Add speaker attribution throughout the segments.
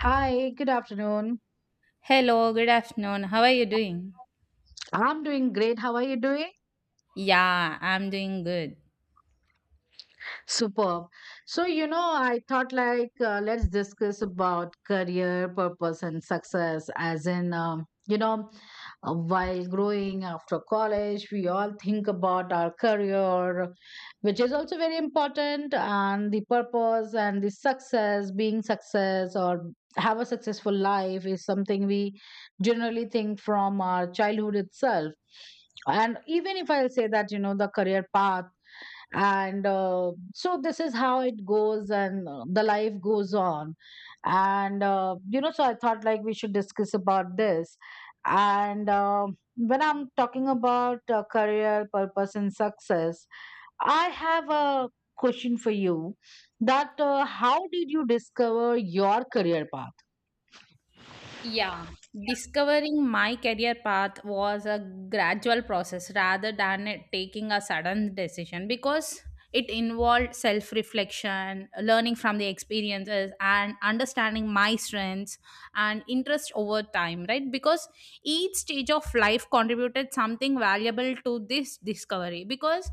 Speaker 1: Hi, good afternoon.
Speaker 2: Hello, good afternoon. How are you doing?
Speaker 1: I'm doing great. How are you doing?
Speaker 2: Yeah, I'm doing good.
Speaker 1: Superb. So, you know, I thought like let's discuss about career, purpose, and success, as in, While growing after college, we all think about our career, which is also very important, and the purpose and the success, being success or have a successful life is something we generally think from our childhood itself. And even if I'll say that, you know, the career path and so this is how it goes and the life goes on and so I thought like we should discuss about this and when I'm talking about career, purpose and success, I have a question for you, that how did you discover your career path?
Speaker 2: Yeah, discovering my career path was a gradual process rather than it taking a sudden decision because it involved self reflection, learning from the experiences, and understanding my strengths and interest over time, right? Because each stage of life contributed something valuable to this discovery. Because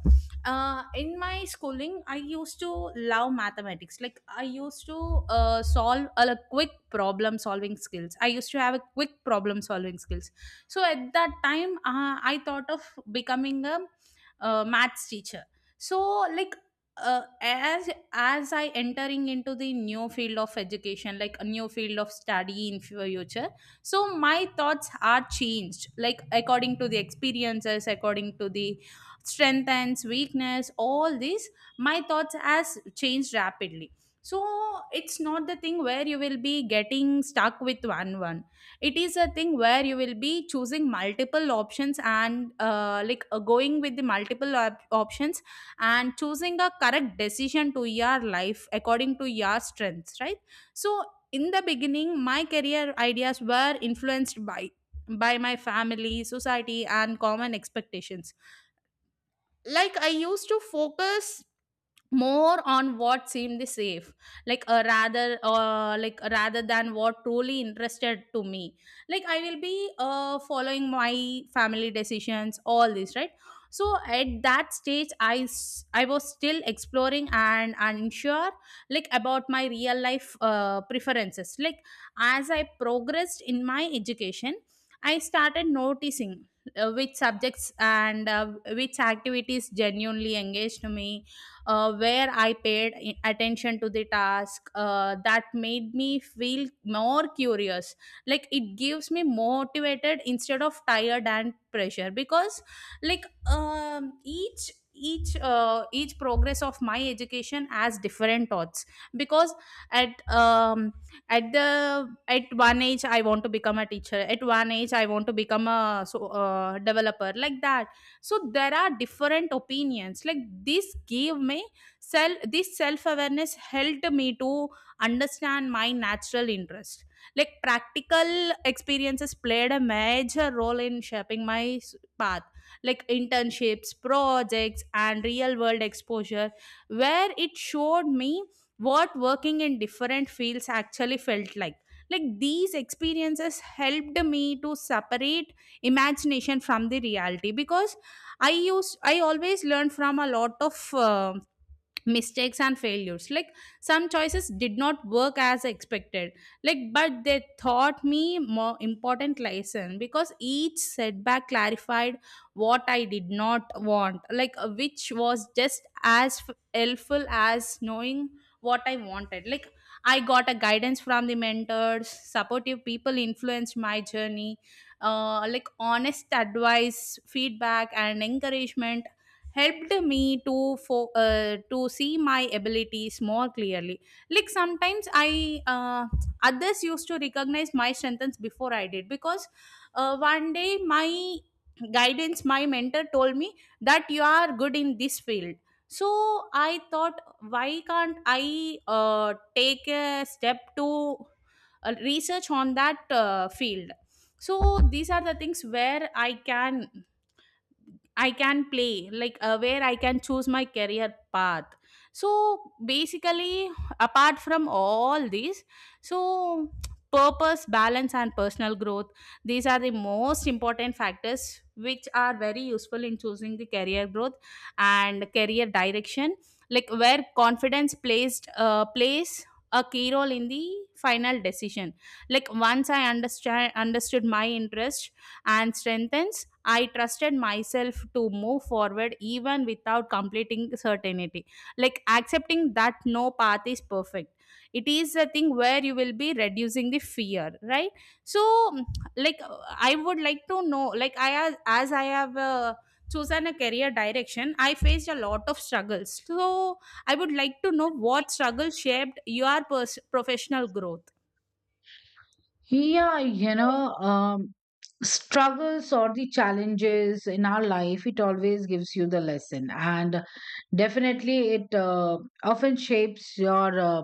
Speaker 2: in my schooling I used to love mathematics. Like I used to solve a quick problem solving skills. I used to have a quick problem solving skills, so at that time I thought of becoming a maths teacher. So like uh, as as I entering into the new field of education, like a new field of study in future, so my thoughts are changed like according to the experiences, according to the strength and weakness. All these my thoughts has changed rapidly. So it's not the thing where you will be getting stuck with one. It is a thing where you will be choosing multiple options and going with the options and choosing a correct decision to your life according to your strengths, right? So in the beginning my career ideas were influenced by my family, society, and common expectations. Like I used to focus more on what seemed safe, like rather than what truly interested to me. Like I will be following my family decisions, all this, right? So at that stage I was still exploring and unsure like about my real life preferences. Like as I progressed in my education I started noticing which subjects and which activities genuinely engaged me, where I paid attention to the task that made me feel more curious. Like it gives me motivated instead of tired and pressure. Because like each progress of my education has different thoughts. Because at um, at the at one age I want to become a teacher, at one age I want to become a developer, like that. So there are different opinions. Like this gave me self this self awareness, helped me to understand my natural interest. Like practical experiences played a major role in shaping my path. Like internships, projects, and real world exposure, where it showed me what working in different fields actually felt like. Like these experiences helped me to separate imagination from the reality. Because I always learned from a lot of mistakes and failures. Like some choices did not work as expected, like but they taught me more important lesson. Because each setback clarified what I did not want, which was just as helpful as knowing what I wanted. Like I got a guidance from the mentors. Supportive people influenced my journey, like honest advice, feedback, and encouragement helped me to to see my abilities more clearly. Like sometimes I uh, others used to recognize my strengths before I did. Because one day my guidance, my mentor told me that you are good in this field. So I thought, why can't I uh, take a step to research on that field? So these are the things where I can play, where I can choose my career path. So basically, apart from all these, so purpose, balance, and personal growth, these are the most important factors which are very useful in choosing the career growth and career direction, like where confidence placed plays a key role in the final decision. Like once I understand understood my interest and strengthens, I trusted myself to move forward even without completing certainty. Like accepting that no path is perfect, it is a thing where you will be reducing the fear, right? So, mm, I would like to know, as I have chosen a career direction, I faced a lot of struggles. So, I would like to know what struggle shaped your professional growth.
Speaker 1: Yeah, you know, struggles or the challenges in our life, it always gives you the lesson. And definitely, it often shapes your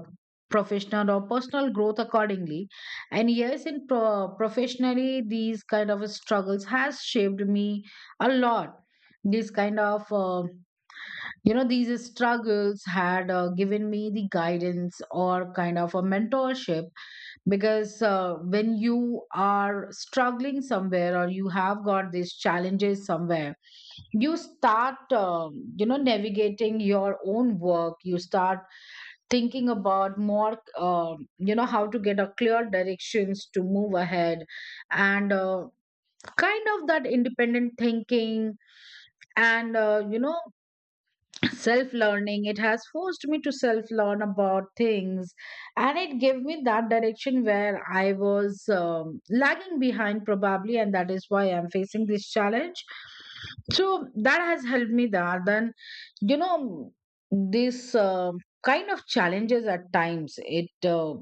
Speaker 1: professional or personal growth accordingly. And yes, in professionally, these kind of struggles has shaped me a lot. These kind of, you know, these struggles had given me the guidance or kind of a mentorship, because when you are struggling somewhere or you have got these challenges somewhere, you start you know, navigating your own work. You start thinking about more, you know, how to get a clear directions to move ahead, and kind of that independent thinking and self learning. It has forced me to self learn about things, and it gave me that direction where I was, lagging behind probably, and that is why I'm facing this challenge. So that has helped me there. Then, you know, this kind of challenges at times, it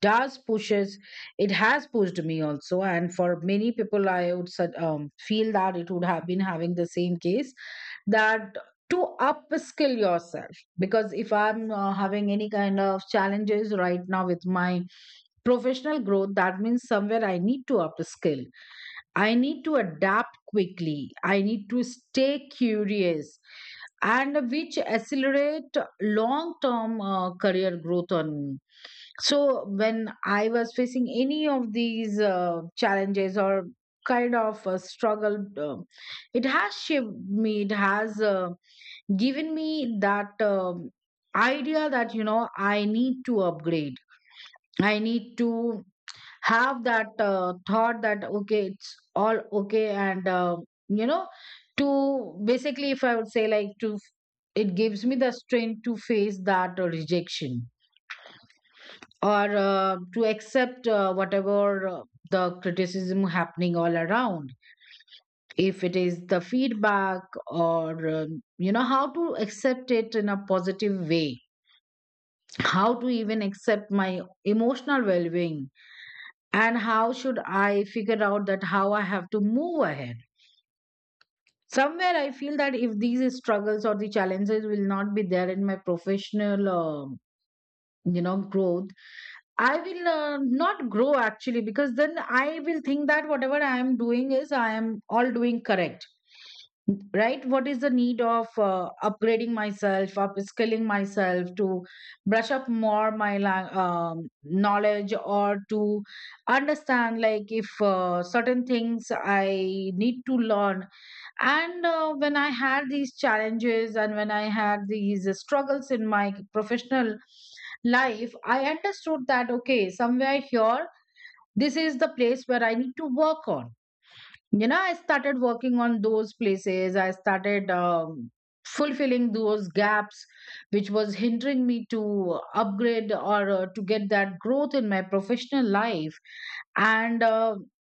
Speaker 1: does pushes it has pushed me also. And for many people I would feel that it would have been having the same case, that to upskill yourself. Because if I'm having any kind of challenges right now with my professional growth, that means somewhere I need to upskill. I need to adapt quickly. I need to stay curious, and which accelerate long-term career growth on me. So when I was facing any of these challenges or kind of a struggle, it has shaped me. It has given me that idea that, you know, I need to upgrade. I need to have that thought that okay, it's all okay, and you know to basically, if I would say, like to it gives me the strength to face that rejection, or to accept whatever the criticism happening all around, if it is the feedback, or you know, how to accept it in a positive way, how to even accept my emotional well-being, and how should I figure out that how I have to move ahead. Somewhere I feel that if these struggles or the challenges will not be there in my professional you know growth, I will not grow actually, because then I will think that whatever I am doing is I am all doing correct. Right? What is the need of upgrading myself, upskilling myself, to brush up more my knowledge, or to understand, like, if certain things I need to learn. And when I had these challenges and when I had these struggles in my professional life, I understood that okay, somewhere here, this is the place where I need to work on. You know, I started working on those places. I started fulfilling those gaps which was hindering me to upgrade, or to get that growth in my professional life. And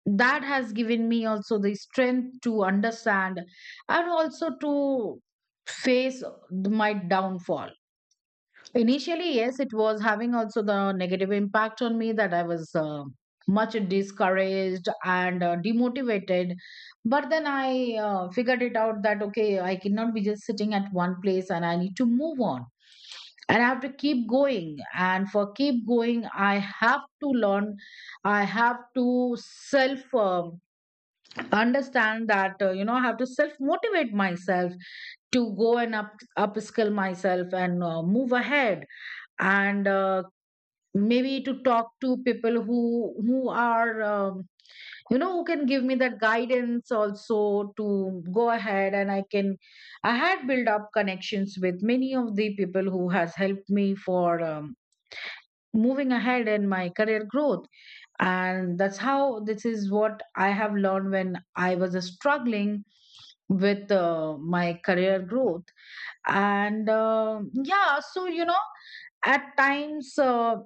Speaker 1: that has given me also the strength to understand, and also to face my downfall. Initially, yes, it was having also the negative impact on me, that I was much discouraged and demotivated. But then I figured it out that okay, I cannot be just sitting at one place and I need to move on. And I have to keep going. And for keep going, I have to learn. I have to self understand that, you know, I have to self motivate myself to go and up upskill myself and move ahead. And maybe to talk to people who are, you know, who can give me that guidance also to go ahead. And I had built up connections with many of the people who has helped me for, moving ahead in my career growth. And that's how, this is what I have learned when I was struggling with my career growth. And yeah, so, you know, at times, uh,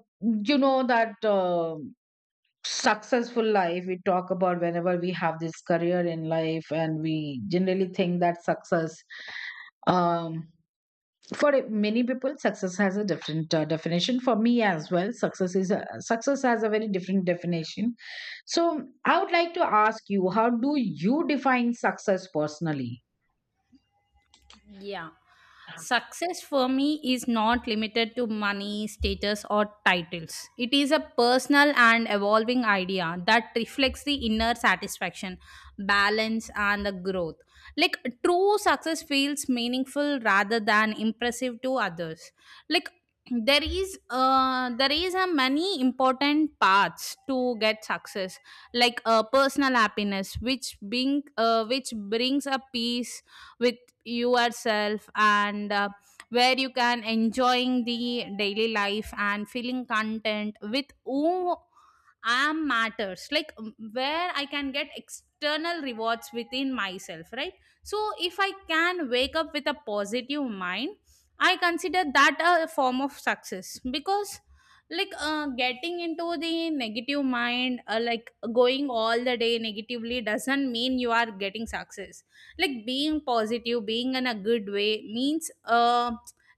Speaker 1: you know that successful life we talk about whenever we have this career in life, and we generally think that success, um, for many people success has a different definition. For me as well, success has a very different definition. So I would like to ask you, how do you define success personally?
Speaker 2: Yeah. Success for me is not limited to money, status, or titles. It is a personal and evolving idea that reflects the inner satisfaction, balance, and the growth. Like true success feels meaningful rather than impressive to others. Like there is a many important paths to get success. Like personal happiness, which brings a peace with yourself, and where you can enjoying the daily life and feeling content with who I am matters. Like where I can get external rewards within myself, right? So if I can wake up with a positive mind, I consider that a form of success. Because getting into the negative mind, like going all the day negatively doesn't mean you are getting success. Like being positive, being in a good way means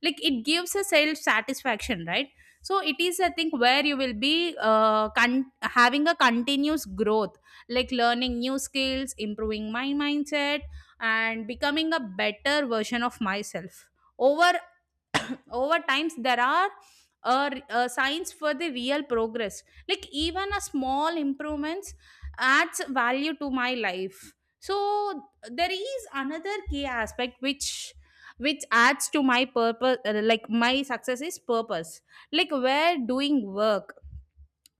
Speaker 2: like it gives a self satisfaction, right? So it is a thing where you will be having a continuous growth. Like learning new skills, improving my mindset, and becoming a better version of myself over times, there are signs for the real progress. Like even a small improvements adds value to my life. So there is another key aspect which adds to my purpose. Like my success is purpose, like where doing work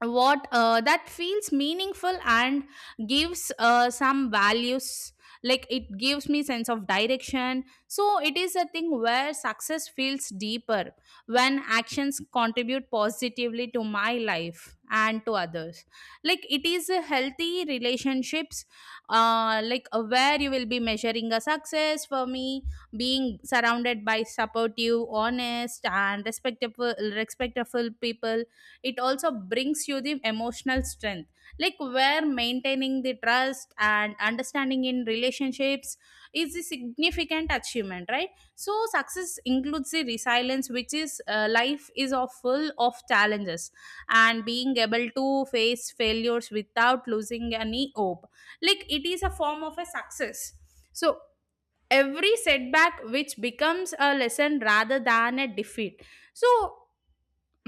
Speaker 2: what that feels meaningful and gives some values. Like it gives me sense of direction. So it is a thing where success feels deeper when actions contribute positively to my life and to others. Like it is a healthy relationships, where you will be measuring a success for me. Being surrounded by supportive, honest, and respectful people, it also brings you the emotional strength. Like where maintaining the trust and understanding in relationships is a significant achievement, right? So success includes the resilience, which is, life is of full of challenges and being able to face failures without losing any hope. Like it is a form of a success. So every setback, which becomes a lesson rather than a defeat. So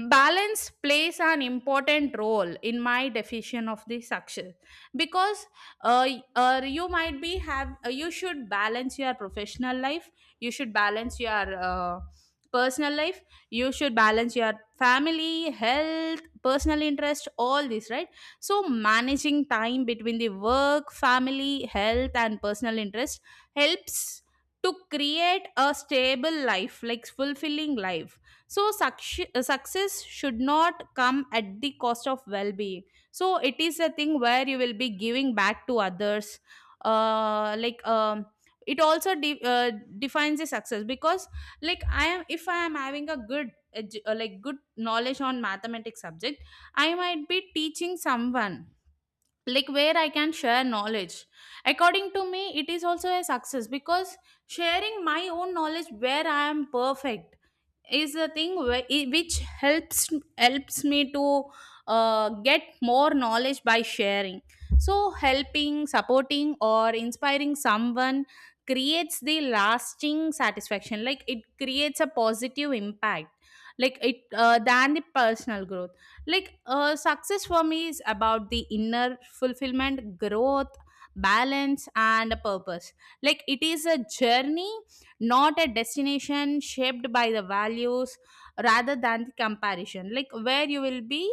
Speaker 2: balance plays an important role in my definition of the success. Because y- you might be have you should balance your professional life, you should balance your personal life, you should balance your family, health, personal interest, all this, right? So managing time between the work, family, health, and personal interest helps to create a stable life, like fulfilling life. So success should not come at the cost of well-being. So it is a thing where you will be giving back to others, uh, like um, it also defines a success. Because like I am, if I am having a like good knowledge on mathematics subject, I might be teaching someone, like where I can share knowledge. According to me, it is also a success. Because sharing my own knowledge where I am perfect is a thing which helps helps me to get more knowledge by sharing. So helping, supporting, or inspiring someone creates the lasting satisfaction. Like it creates a positive impact, like it than the personal growth. Like success for me is about the inner fulfillment, growth, balance, and purpose. Like it is a journey, not a destination, shaped by the values rather than the comparison. Like where you will be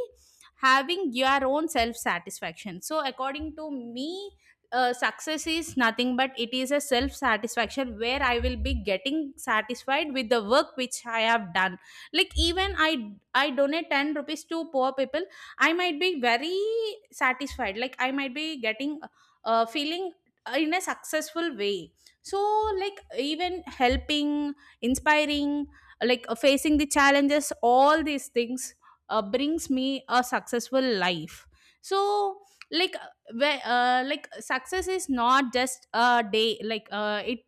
Speaker 2: having your own self satisfaction. So according to me, success is nothing but it is a self satisfaction, where I will be getting satisfied with the work which I have done. Like even i donate 10 rupees to poor people, I might be very satisfied. Like I might be getting feeling in a successful way. So like even helping, inspiring, facing the challenges, all these things brings me a successful life. So like where like success is not just a day. It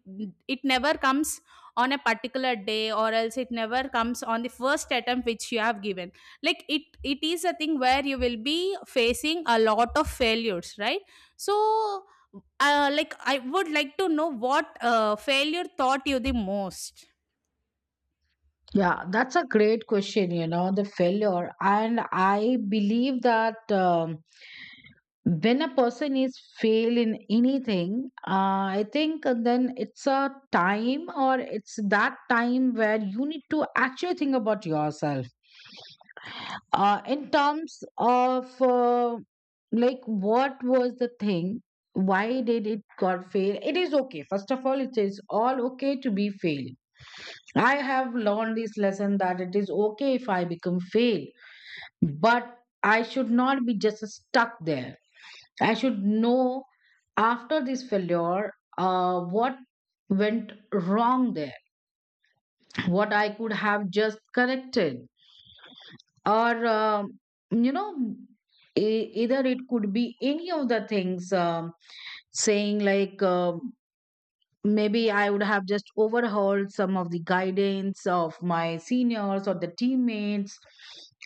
Speaker 2: it never comes on a particular day, or else it never comes on the first attempt which you have given. Like it is a thing where you will be facing a lot of failures, right? So I would like to know what failure taught you the most.
Speaker 1: Yeah, that's a great question, you know, the failure. And I believe that when a person is fail in anything, I think then it's a time or it's that time where you need to actually think about yourself, in terms of like what was the thing, why did it got fail. It is okay, first of all, it is all okay to be failed. I have learned this lesson that it is okay if I become failed, but I should not be just stuck there. I should know after this failure, what went wrong there, what I could have just corrected, or you know either it could be any of the things, saying like, maybe I would have just overheard some of the guidance of my seniors or the teammates.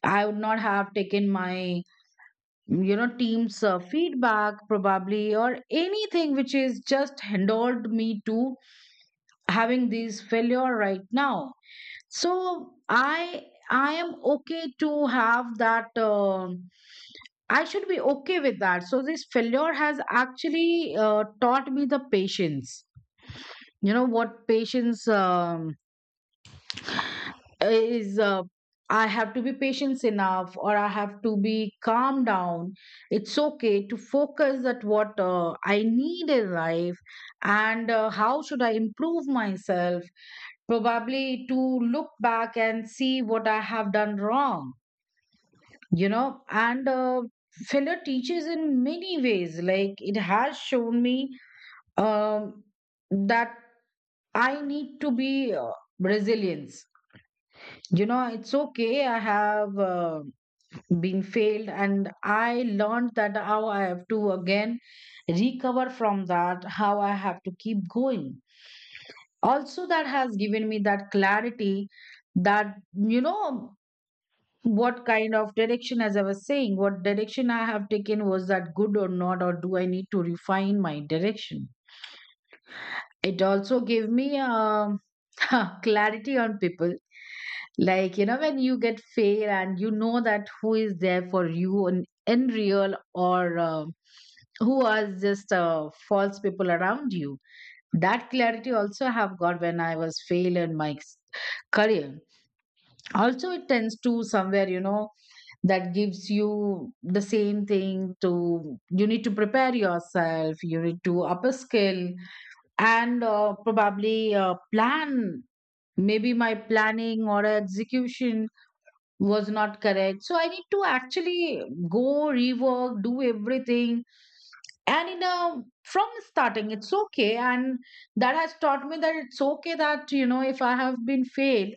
Speaker 1: I would not have taken my, you know, team's feedback probably, or anything which is just hindered me to having this failure right now. So I am okay to have that, I should be okay with that. So this failure has actually taught me the patience. You know what patience is I have to be patient enough, or I have to be calm down. It's okay to focus at what I need in life, and how should I improve myself, probably to look back and see what I have done wrong, you know. And failure teaches in many ways. Like it has shown me, um, that I need to be resilient. You know, it's okay. I have been failed, and I learned that how I have to again recover from that, how I have to keep going. Also, that has given me that clarity that, you know, what kind of direction, as I was saying, what direction I have taken, was that good or not, or do I need to refine my direction. It also gave me, clarity on people. Like, you know, when you get fail, and you know that who is there for you in real, or who are just false people around you. That clarity also I have got when I was fail in my career. Also, it tends to, somewhere, you know, that gives you the same thing to, you need to prepare yourself, you need to upskill. And probably plan, maybe my planning or execution was not correct, so I need to actually go rework, do everything, and in a, from starting. It's okay. And that has taught me that it's okay, that, you know, if I have been failed,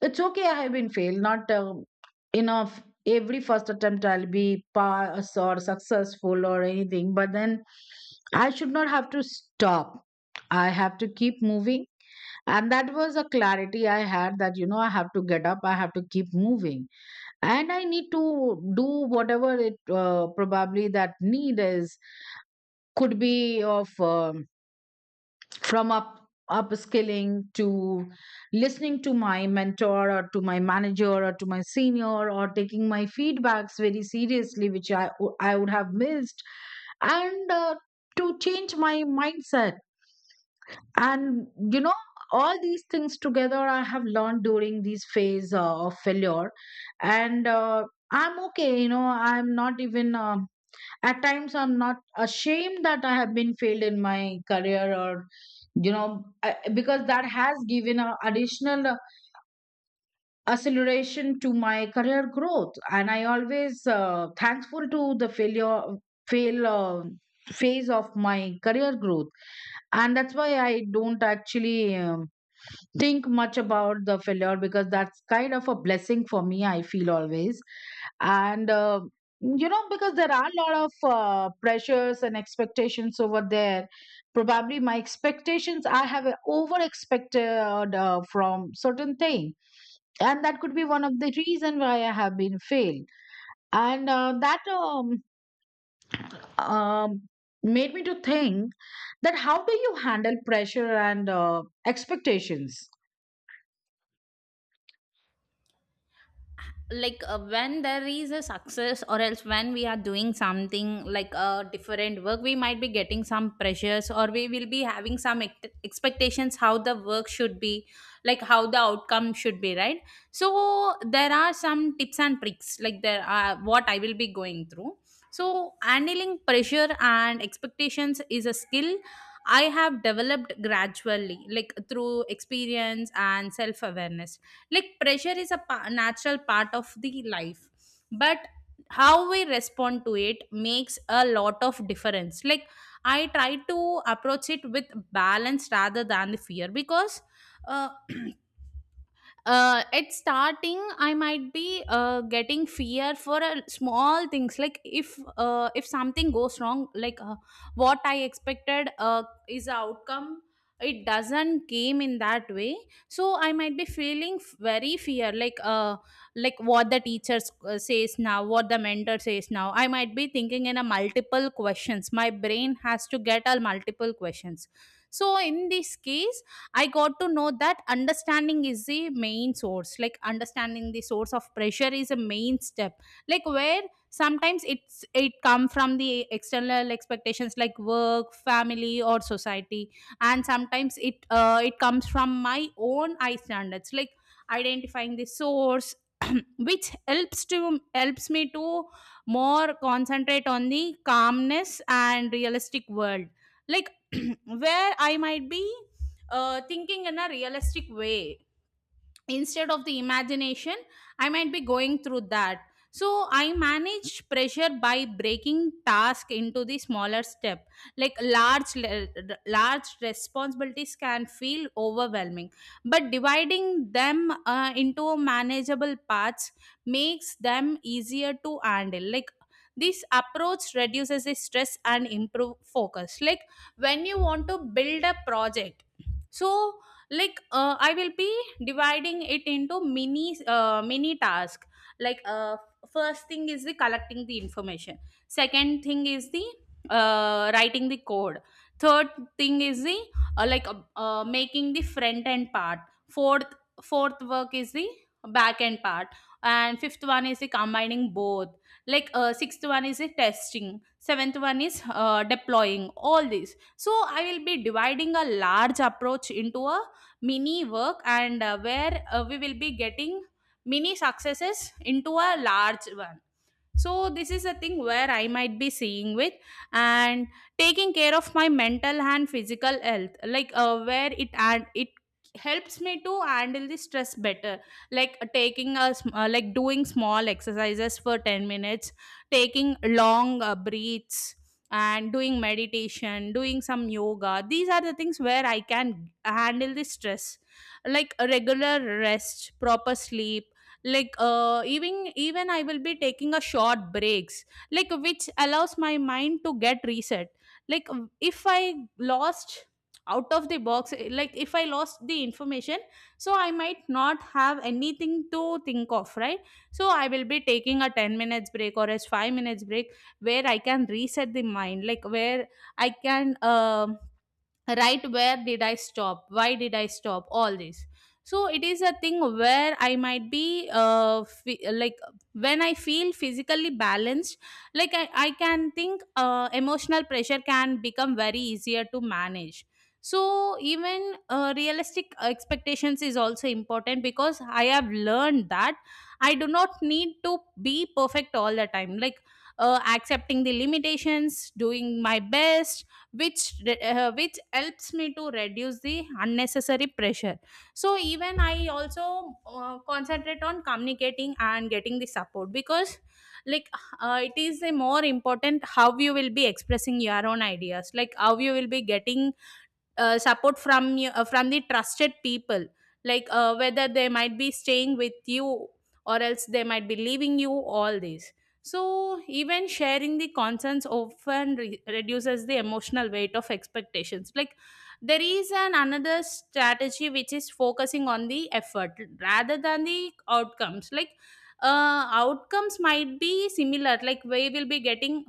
Speaker 1: it's okay, I have been failed. Not enough. Every first attempt, I'll be pass or successful or anything. But then I should not have to stop. I have to keep moving. And that was a clarity I had, that, you know, I have to get up, I have to keep moving. And I need to do whatever it probably that need is, could be of. From up upskilling to listening to my mentor or to my manager or to my senior or taking my feedbacks very seriously, which I would have missed, and to change my mindset and, you know, all these things together I have learned during this phase of failure. And I'm okay, you know. I'm not even, at times I'm not ashamed that I have been failed in my career. Or, you know, because that has given a additional acceleration to my career growth, and I always thankful to the failure, fail phase of my career growth. And that's why I don't actually think much about the failure, because that's kind of a blessing for me, I feel always. And You know, because there are a lot of pressures and expectations over there. Probably my expectations, I have over expected from certain thing, and that could be one of the reason why I have been failed. And that um, Made me to think that how do you handle pressure and expectations?
Speaker 2: Like when there is a success or else when we are doing something like a different work, we might be getting some pressures, or we will be having some expectations how the work should be, like how the outcome should be, right? So there are some tips and tricks like there are what I will be going through. So handling pressure and expectations is a skill I have developed gradually, like through experience and self awareness. Like pressure is a natural part of the life, but how we respond to it makes a lot of difference. Like I try to approach it with balance rather than the fear, because uh, at starting, I might be getting fear for small things, like if something goes wrong, like what I expected is the outcome, it doesn't came in that way. So I might be feeling very fear, like what the teachers says now, what the mentor says now. I might be thinking in a multiple questions, my brain has to get a multiple questions. So in this case, I got to know that understanding is the main source. Like understanding the source of pressure is a main step. Like where sometimes it come from the external expectations like work, family, or society, and sometimes it it comes from my own eye standards. Like identifying the source. Which helps me to more concentrate on the calmness and realistic world, like where I might be thinking in a realistic way instead of the imagination. I might be going through that. So I manage pressure by breaking task into the smaller step. Like large responsibilities can feel overwhelming, but dividing them into manageable parts makes them easier to handle. Like this approach reduces the stress and improve focus, like when you want to build a project. So like I will be dividing it into mini task. Like first thing is the collecting the information, second thing is the writing the code, third thing is the making the front end part, fourth fourth work is the back end part, and fifth one is the combining both. Like sixth one is the testing, seventh one is deploying all these. So I will be dividing a large approach into a mini work, and where we will be getting mini successes into a large one. So this is a thing where I might be seeing with. And taking care of my mental and physical health, like where it helps me to handle the stress better. Like like doing small exercises for 10 minutes, taking long breaths, and doing meditation, doing some yoga. These are the things where I can handle the stress, like a regular rest, proper sleep. Like even I will be taking a short breaks, like which allows my mind to get reset. Like if I lost out of the box, like if I lost the information, so I might not have anything to think of, right? So I will be taking a 10 minutes break or a 5 minutes break, where I can reset the mind. Like where I can right, where did I stop, why did I stop, all this. So it is a thing where I might be like when I feel physically balanced, like I can think emotional pressure can become very easier to manage. So even realistic expectations is also important, because I have learned that I do not need to be perfect all the time. Like accepting the limitations, doing my best, which which helps me to reduce the unnecessary pressure. So even I also concentrate on communicating and getting the support, because like it is a more important how you will be expressing your own ideas, like how you will be getting support from you from the trusted people. Like whether they might be staying with you, or else they might be leaving you, all this. So even sharing the concerns often reduces the emotional weight of expectations. Like there is an another strategy, which is focusing on the effort rather than the outcomes. Like outcomes might be similar, like we will be getting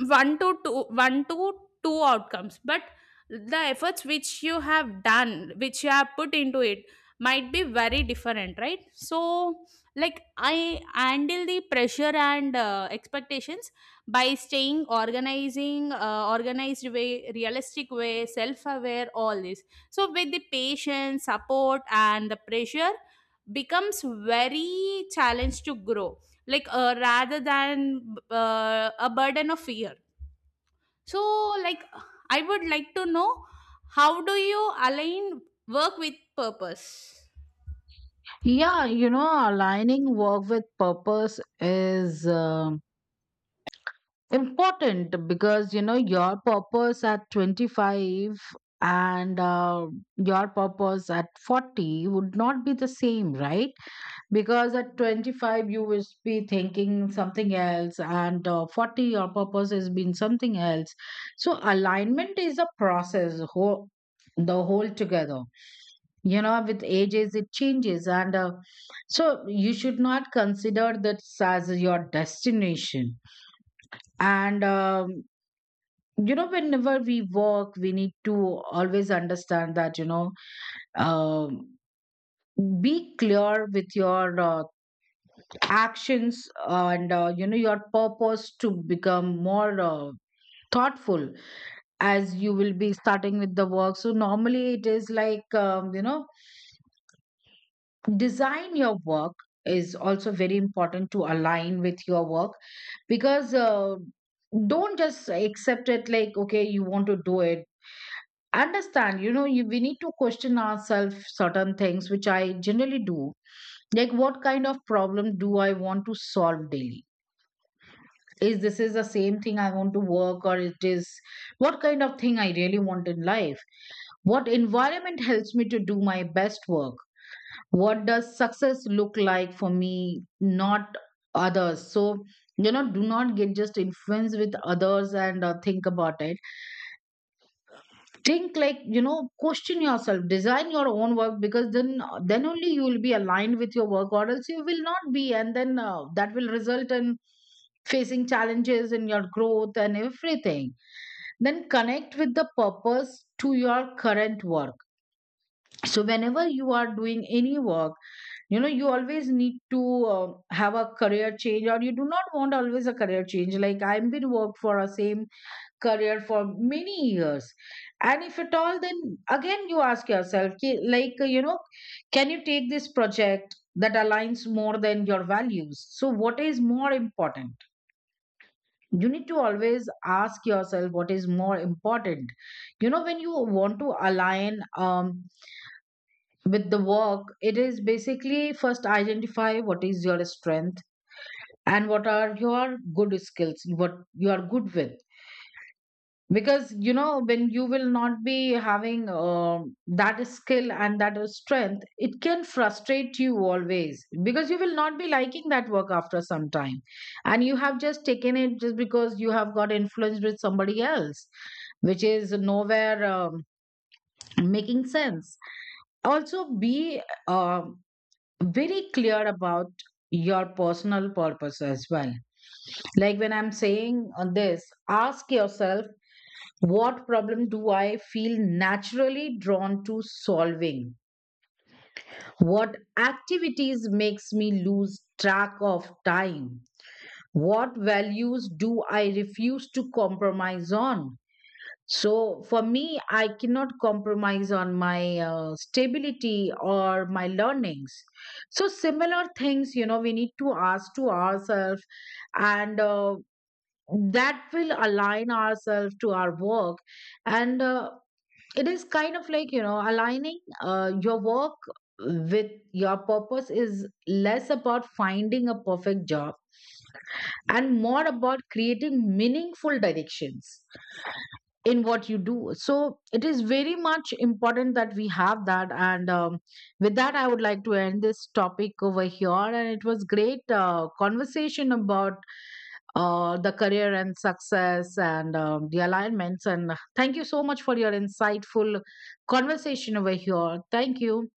Speaker 2: one to two outcomes, but the efforts which you have done, which you have put into it, might be very different, right? So like I handle the pressure and expectations by staying organizing organized way, realistic way, self aware, all this. So with the patience, support, and the pressure becomes very challenge to grow, like rather than a burden of fear. So like I would like to know, how do you align work with purpose?
Speaker 1: Yeah, you know, aligning work with purpose is important because, you know, your purpose at 25 and your purpose at 40 would not be the same, right? Because at 25 you will be thinking something else, and 40 your purpose has been something else. So alignment is a process the whole together, you know, with ages it changes. And So you should not consider that as your destination. And You know, whenever we work we need to always understand that, you know, um, be clear with your actions and, you know, your purpose to become more thoughtful as you will be starting with the work. So normally it is like, you know, design your work is also very important to align with your work. Because don't just accept it like okay you want to do it. Understand, you know, we need to question ourselves certain things which I generally do. Like what kind of problem do I want to solve daily? Is this is the same thing I want to work, or it is what kind of thing I really want in life? What environment helps me to do my best work? What does success look like for me, not others? So, you know, do not get just influenced with others, and think about it. Think, like, you know, question yourself, design your own work, because then only you will be aligned with your work, or else you will not be. And then that will result in facing challenges in your growth and everything. Then connect with the purpose to your current work. So whenever you are doing any work, you know, you always need to have a career change, or you do not want always a career change. Like I've been worked for a same career for many years. And if at all, then again you ask yourself like, you know, can you take this project that aligns more than your values? So what is more important? You need to always ask yourself what is more important. You know, when you want to align with the work, it is basically first identify what is your strength and what are your good skills, what you are good with. Because, you know, when you will not be having that skill and that is strength, it can frustrate you always, because you will not be liking that work after some time, and you have just taken it just because you have got influenced with somebody else, which is nowhere making sense. Also be um very clear about your personal purpose as well. Like when I'm saying on this, ask yourself, what problem do I feel naturally drawn to solving? What activities makes me lose track of time? What values do I refuse to compromise on? So for me, I cannot compromise on my stability or my learnings. So similar things, you know, we need to ask to ourselves, and that will align ourselves to our work. And It is kind of like, you know, aligning your work with your purpose is less about finding a perfect job and more about creating meaningful directions in what you do. So it is very much important that we have that. And With that, I would like to end this topic over here, and it was great conversation about the career and success and, the alignments. And thank you so much for your insightful conversation over here. Thank you.